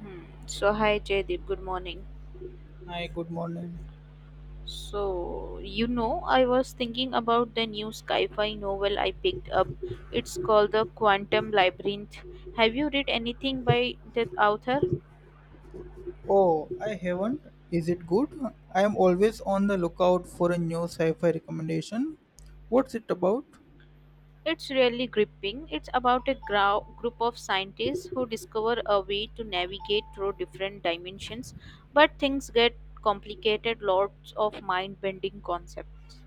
Hmm. So, hi Jaydeep, good morning. Hi, good morning. So, you know, I was thinking about the new sci fi novel I picked up. It's called The Quantum Labyrinth. Have you read anything by that author? Oh, I haven't. Is it good? I am always on the lookout for a new sci fi recommendation. What's it about? It's really gripping. It's about a group of scientists who discover a way to navigate through different dimensions, but things get complicated, lots of mind bending concepts.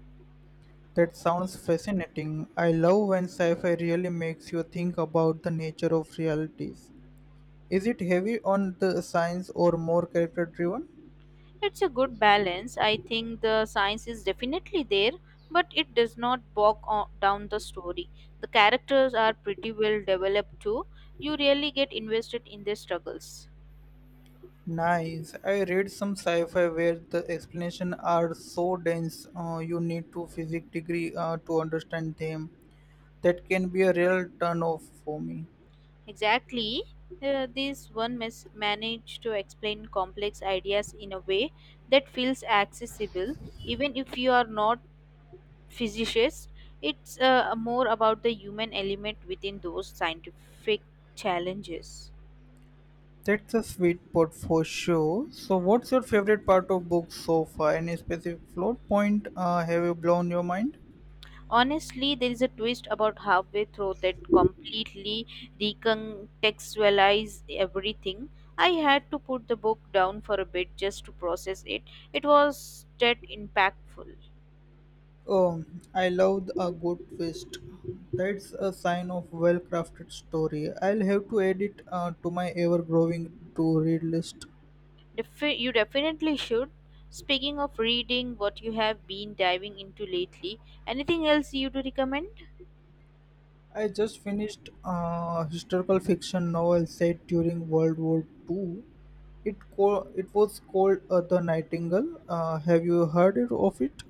That sounds fascinating. I love when sci fi really makes you think about the nature of realities. Is it heavy on the science or more character driven? It's a good balance. I think the science is definitely there, but it does not down the story. The characters are pretty well developed too. You really get invested in their struggles. Nice. I read some sci-fi where the explanations are so dense, you need to physics degree to understand them. That can be a real turn off for me. Exactly. This one managed to explain complex ideas in a way that feels accessible, even if you are not physicist. It's more about the human element within those scientific challenges. That's a sweet spot for sure. So, what's your favorite part of books so far? Any specific plot point have you blown your mind? Honestly, there is a twist about halfway through that completely recontextualized everything. I had to put the book down for a bit just to process it. It was that impactful. Oh, I love a good twist. That's a sign of well-crafted story. I'll have to add it to my ever-growing to-read list. You definitely should. Speaking of reading, what you have been diving into lately, anything else you do recommend? I just finished a historical fiction novel set during World War Two. It was called The Nightingale. Have you heard of it?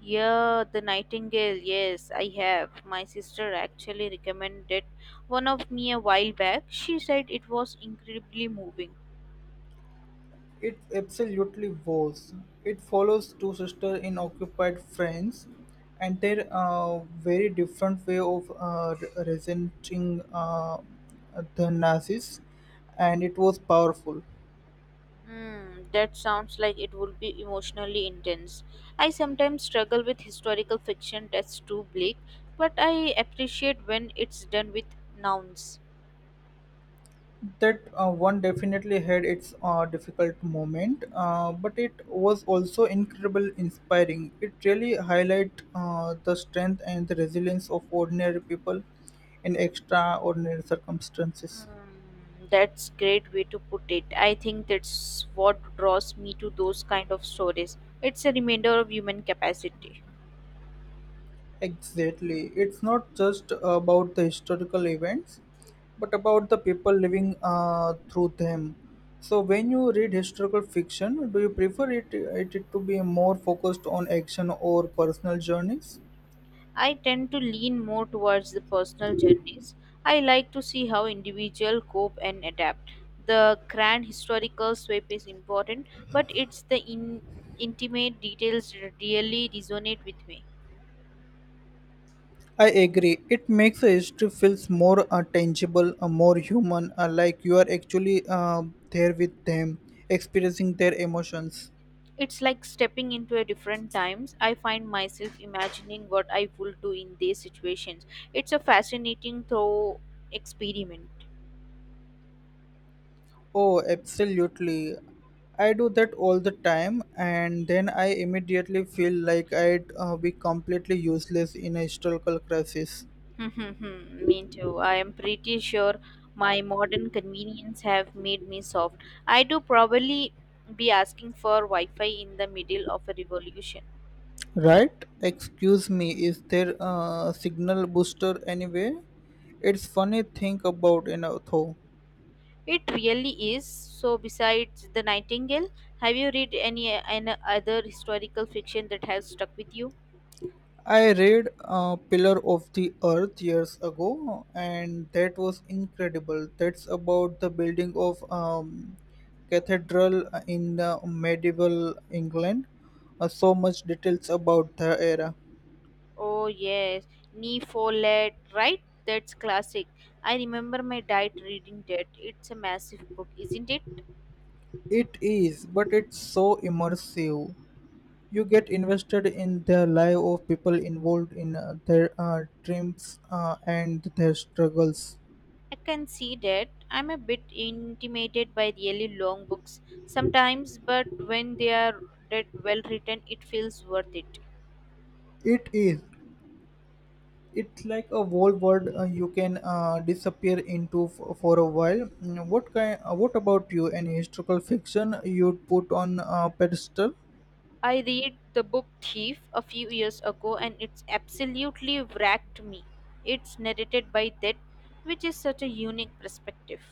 Yeah, The Nightingale. Yes, I have. My sister actually recommended one of me a while back. She said it was incredibly moving. It absolutely was. It follows two sisters in occupied France and their very different way of resenting the Nazis, and it was powerful. Hmm, that sounds like it would be emotionally intense. I sometimes struggle with historical fiction that's too bleak, but I appreciate when it's done with nouns. That one definitely had its difficult moment, but it was also incredible, inspiring. It really highlight the strength and the resilience of ordinary people in extraordinary circumstances. Hmm, that's great way to put it. I think that's what draws me to those kind of stories. It's a reminder of human capacity. Exactly. It's not just about the historical events, but about the people living through them. So, when you read historical fiction, do you prefer it to be more focused on action or personal journeys? I tend to lean more towards the personal journeys. I like to see how individuals cope and adapt. The grand historical sweep is important, but it's the intimate details that really resonate with me. I agree. It makes the history feels more tangible, more human, like you are actually there with them, experiencing their emotions. It's like stepping into a different times. I find myself imagining what I would do in these situations. It's a fascinating thought experiment. Oh, absolutely. I do that all the time, and then I immediately feel like I'd be completely useless in a historical crisis. Me too. I am pretty sure my modern convenience have made me soft. I do probably be asking for Wi-Fi in the middle of a revolution. Right? Excuse me, is there a signal booster anyway? It's funny think about, though. It really is. So besides the Nightingale, have you read any other historical fiction that has stuck with you? I read Pillar of the Earth years ago, and that was incredible. That's about the building of cathedral in medieval England. So much details about the era. Oh yes, Nee Follett, right? That's classic. I remember my dad reading that. It's a massive book, isn't it? It is, but it's so immersive. You get invested in the life of people involved in their dreams and their struggles. I can see that. I'm a bit intimidated by really long books sometimes, but when they are that well written, it feels worth it. It is. It's like a whole world you can disappear into for a while. Mm, what kind? What about you? Any historical fiction you'd put on a pedestal? I read the book Thief a few years ago and it's absolutely wrecked me. It's narrated by that, which is such a unique perspective.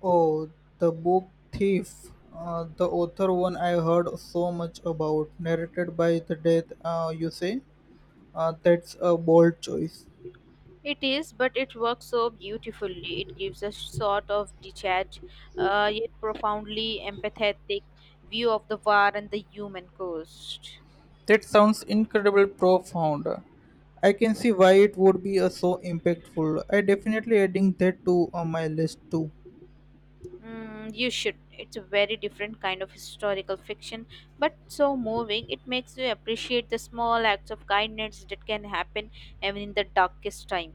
Oh, the book Thief. The author one I heard so much about, narrated by the death. You say, that's a bold choice. It is, but it works so beautifully. It gives a sort of detached, yet profoundly empathetic view of the war and the human cost. That sounds incredible profound. I can see why it would be so impactful. I definitely adding that to my list too. Mm, you should. It's a very different kind of historical fiction, but so moving. It makes you appreciate the small acts of kindness that can happen even in the darkest time.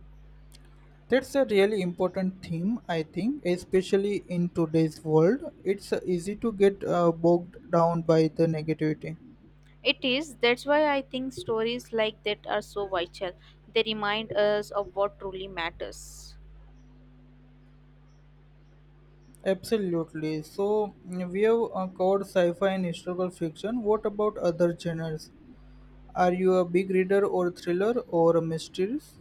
That's a really important theme, I think, especially in today's world. It's easy to get bogged down by the negativity. It is. That's why I think stories like that are so vital. They remind us of what truly matters. Absolutely. So, mm, we have covered sci fi and historical fiction. What about other genres? Are you a big reader or thriller or mysteries?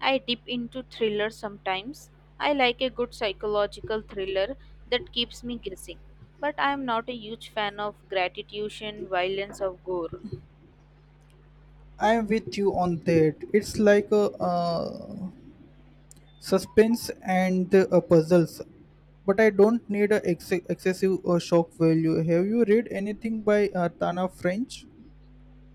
I dip into thrillers sometimes. I like a good psychological thriller that keeps me guessing. But I am not a huge fan of gratification, violence, or gore. I'm with you on that. It's like a suspense and puzzles but I don't need a excessive shock value have you read anything by tana french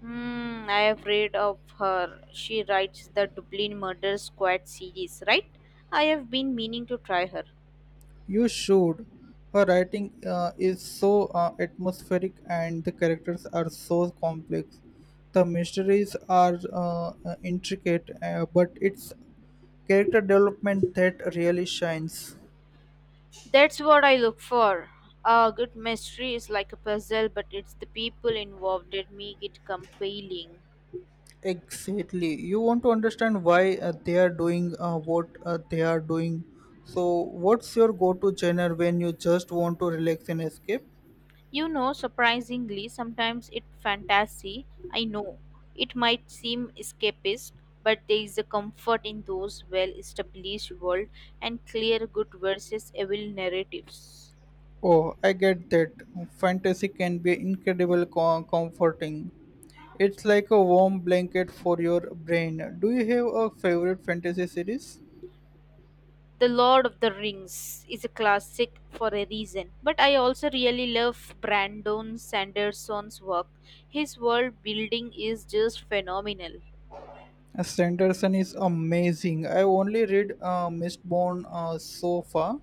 Hmm, I have read of her. She writes the Dublin Murder Squad series, right? I have been meaning to try her. you should her writing is so atmospheric and the characters are so complex the mysteries are intricate but it's character development that really shines. That's what I look for. A good mystery is like a puzzle, but it's the people involved that make it compelling. Exactly. You want to understand why they are doing what they are doing. So, what's your go to genre when you just want to relax and escape? You know, surprisingly, sometimes it fantasy. I know it might seem escapist, but there is a comfort in those well-established world and clear good versus evil narratives. Oh, I get that. Fantasy can be incredible comforting. It's like a warm blanket for your brain. Do you have a favorite fantasy series? The Lord of the Rings is a classic for a reason, but I also really love Brandon Sanderson's work. His world building is just phenomenal. Sanderson is amazing. I only read Mistborn so far,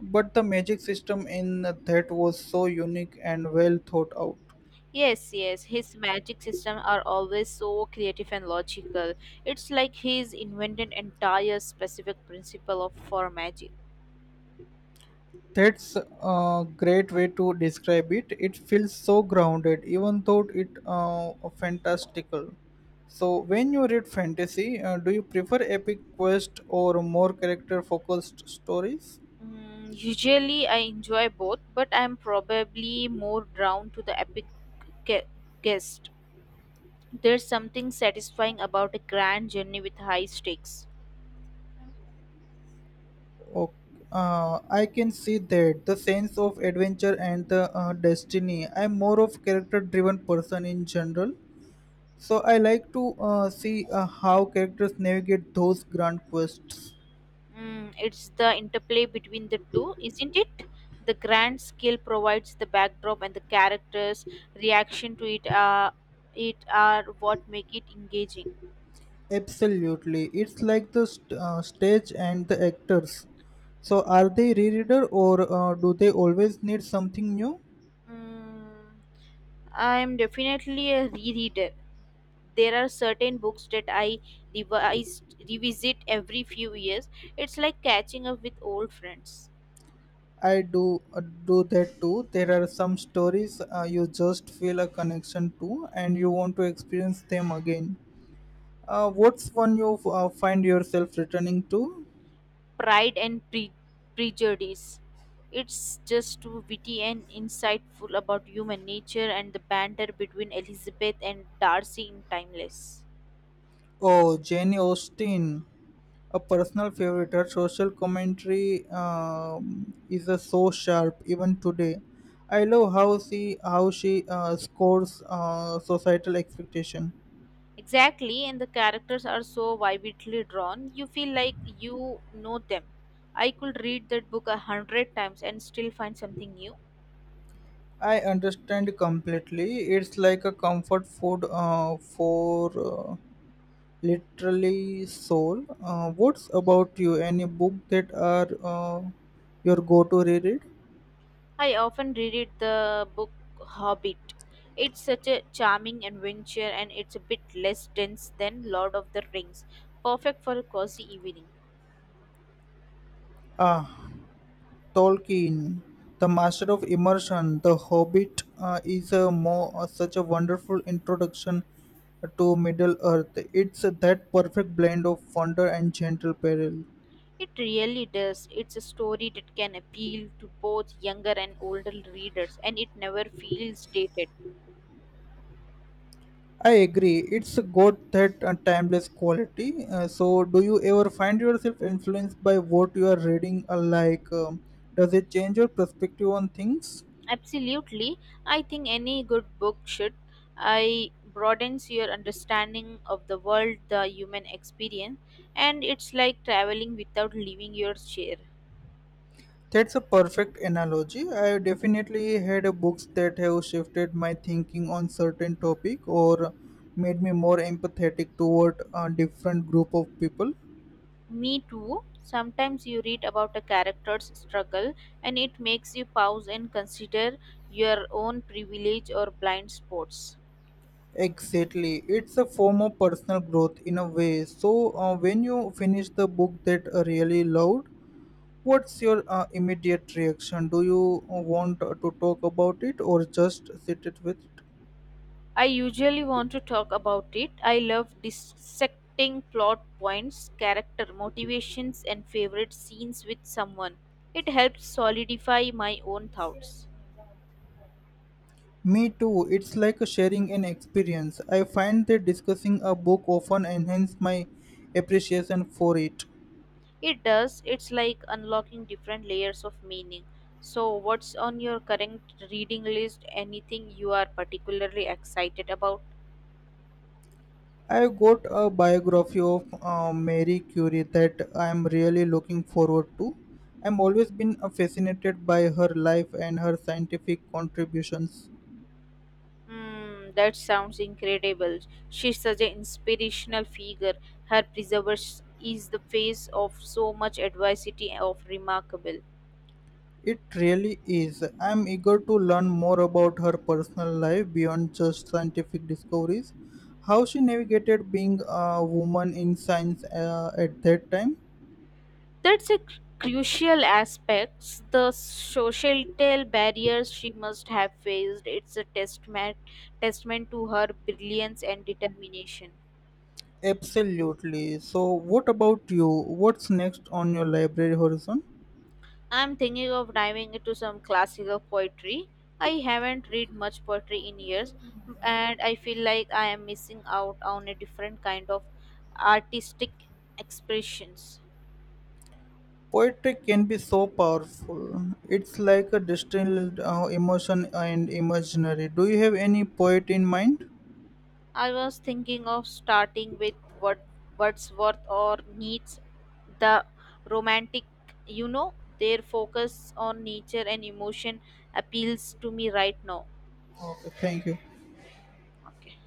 but the magic system in that was so unique and well thought out. Yes, yes, his magic system are always so creative and logical. It's like he's invented entire specific principle of for magic. That's a great way to describe it. It feels so grounded, even though it fantastical. So, when you read fantasy, do you prefer epic quest or more character focused stories? Mm, usually I enjoy both, but I'm probably more drawn to the epic ge- guest. There's something satisfying about a grand journey with high stakes. Okay. I can see that the sense of adventure and the destiny. I'm more of character driven person in general, so I like to see how characters navigate those grand quests. Mm, it's the interplay between the two, isn't it? The grand scale provides the backdrop, and the characters' reaction to it are what make it engaging. Absolutely, it's like the stage and the actors. So are they rereader or do they always need something new? Mm, I'm definitely a rereader. There are certain books that I revise, revisit every few years. It's like catching up with old friends. I do that too. There are some stories you just feel a connection to and you want to experience them again. What's one you find yourself returning to? Pride and Pre- Prejudice. It's just too witty and insightful about human nature and the banter between Elizabeth and Darcy in Timeless. Oh, Jane Austen. A personal favorite, her social commentary is so sharp even today. I love how she scores societal expectation. Exactly, and the characters are so vividly drawn, you feel like you know them. I could read that book a hundred times and still find something new. I understand completely. It's like a comfort food for literally soul. What's about you? Any book that are your go-to reread? I often reread the book Hobbit. It's such a charming adventure and it's a bit less dense than Lord of the Rings, perfect for a cozy evening. Ah, Tolkien, the master of immersion, The Hobbit is a more such a wonderful introduction to Middle Earth. It's that perfect blend of wonder and gentle peril. It really does. It's a story that can appeal to both younger and older readers, and it never feels dated. I agree. It's got that timeless quality. So, do you ever find yourself influenced by what you are reading? Like, does it change your perspective on things? Absolutely. I think any good book should. I broadens your understanding of the world, the human experience, and it's like traveling without leaving your chair. That's a perfect analogy. I definitely had books that have shifted my thinking on certain topic or made me more empathetic toward a different group of people. Me too. Sometimes you read about a character's struggle and it makes you pause and consider your own privilege or blind spots. Exactly. It's a form of personal growth in a way. So, when you finish the book that really loved, what's your immediate reaction? Do you want to talk about it or just sit it with it? I usually want to talk about it. I love dissecting plot points, character motivations, and favorite scenes with someone. It helps solidify my own thoughts. Me too. It's like sharing an experience. I find that discussing a book often enhances my appreciation for it. It does. It's like unlocking different layers of meaning. So, what's on your current reading list? Anything you are particularly excited about? I got a biography of Mary Curie that I am really looking forward to. I'm always been fascinated by her life and her scientific contributions. Hmm, that sounds incredible. She's such an inspirational figure. Her preservers is the face of so much adversity of remarkable. It really is. I'm eager to learn more about her personal life beyond just scientific discoveries, how she navigated being a woman in science at that time. That's a crucial aspect. The societal barriers she must have faced. It's a testament to her brilliance and determination. Absolutely. So, what about you? What's next on your library horizon? I'm thinking of diving into some classical poetry. I haven't read much poetry in years, and I feel like I am missing out on a different kind of artistic expressions. Poetry can be so powerful. It's like a distilled emotion and imaginary. Do you have any poet in mind? I was thinking of starting with Word- Wordsworth or Nietzsche, the romantic, you know, their focus on nature and emotion appeals to me right now. Okay, thank you. Okay.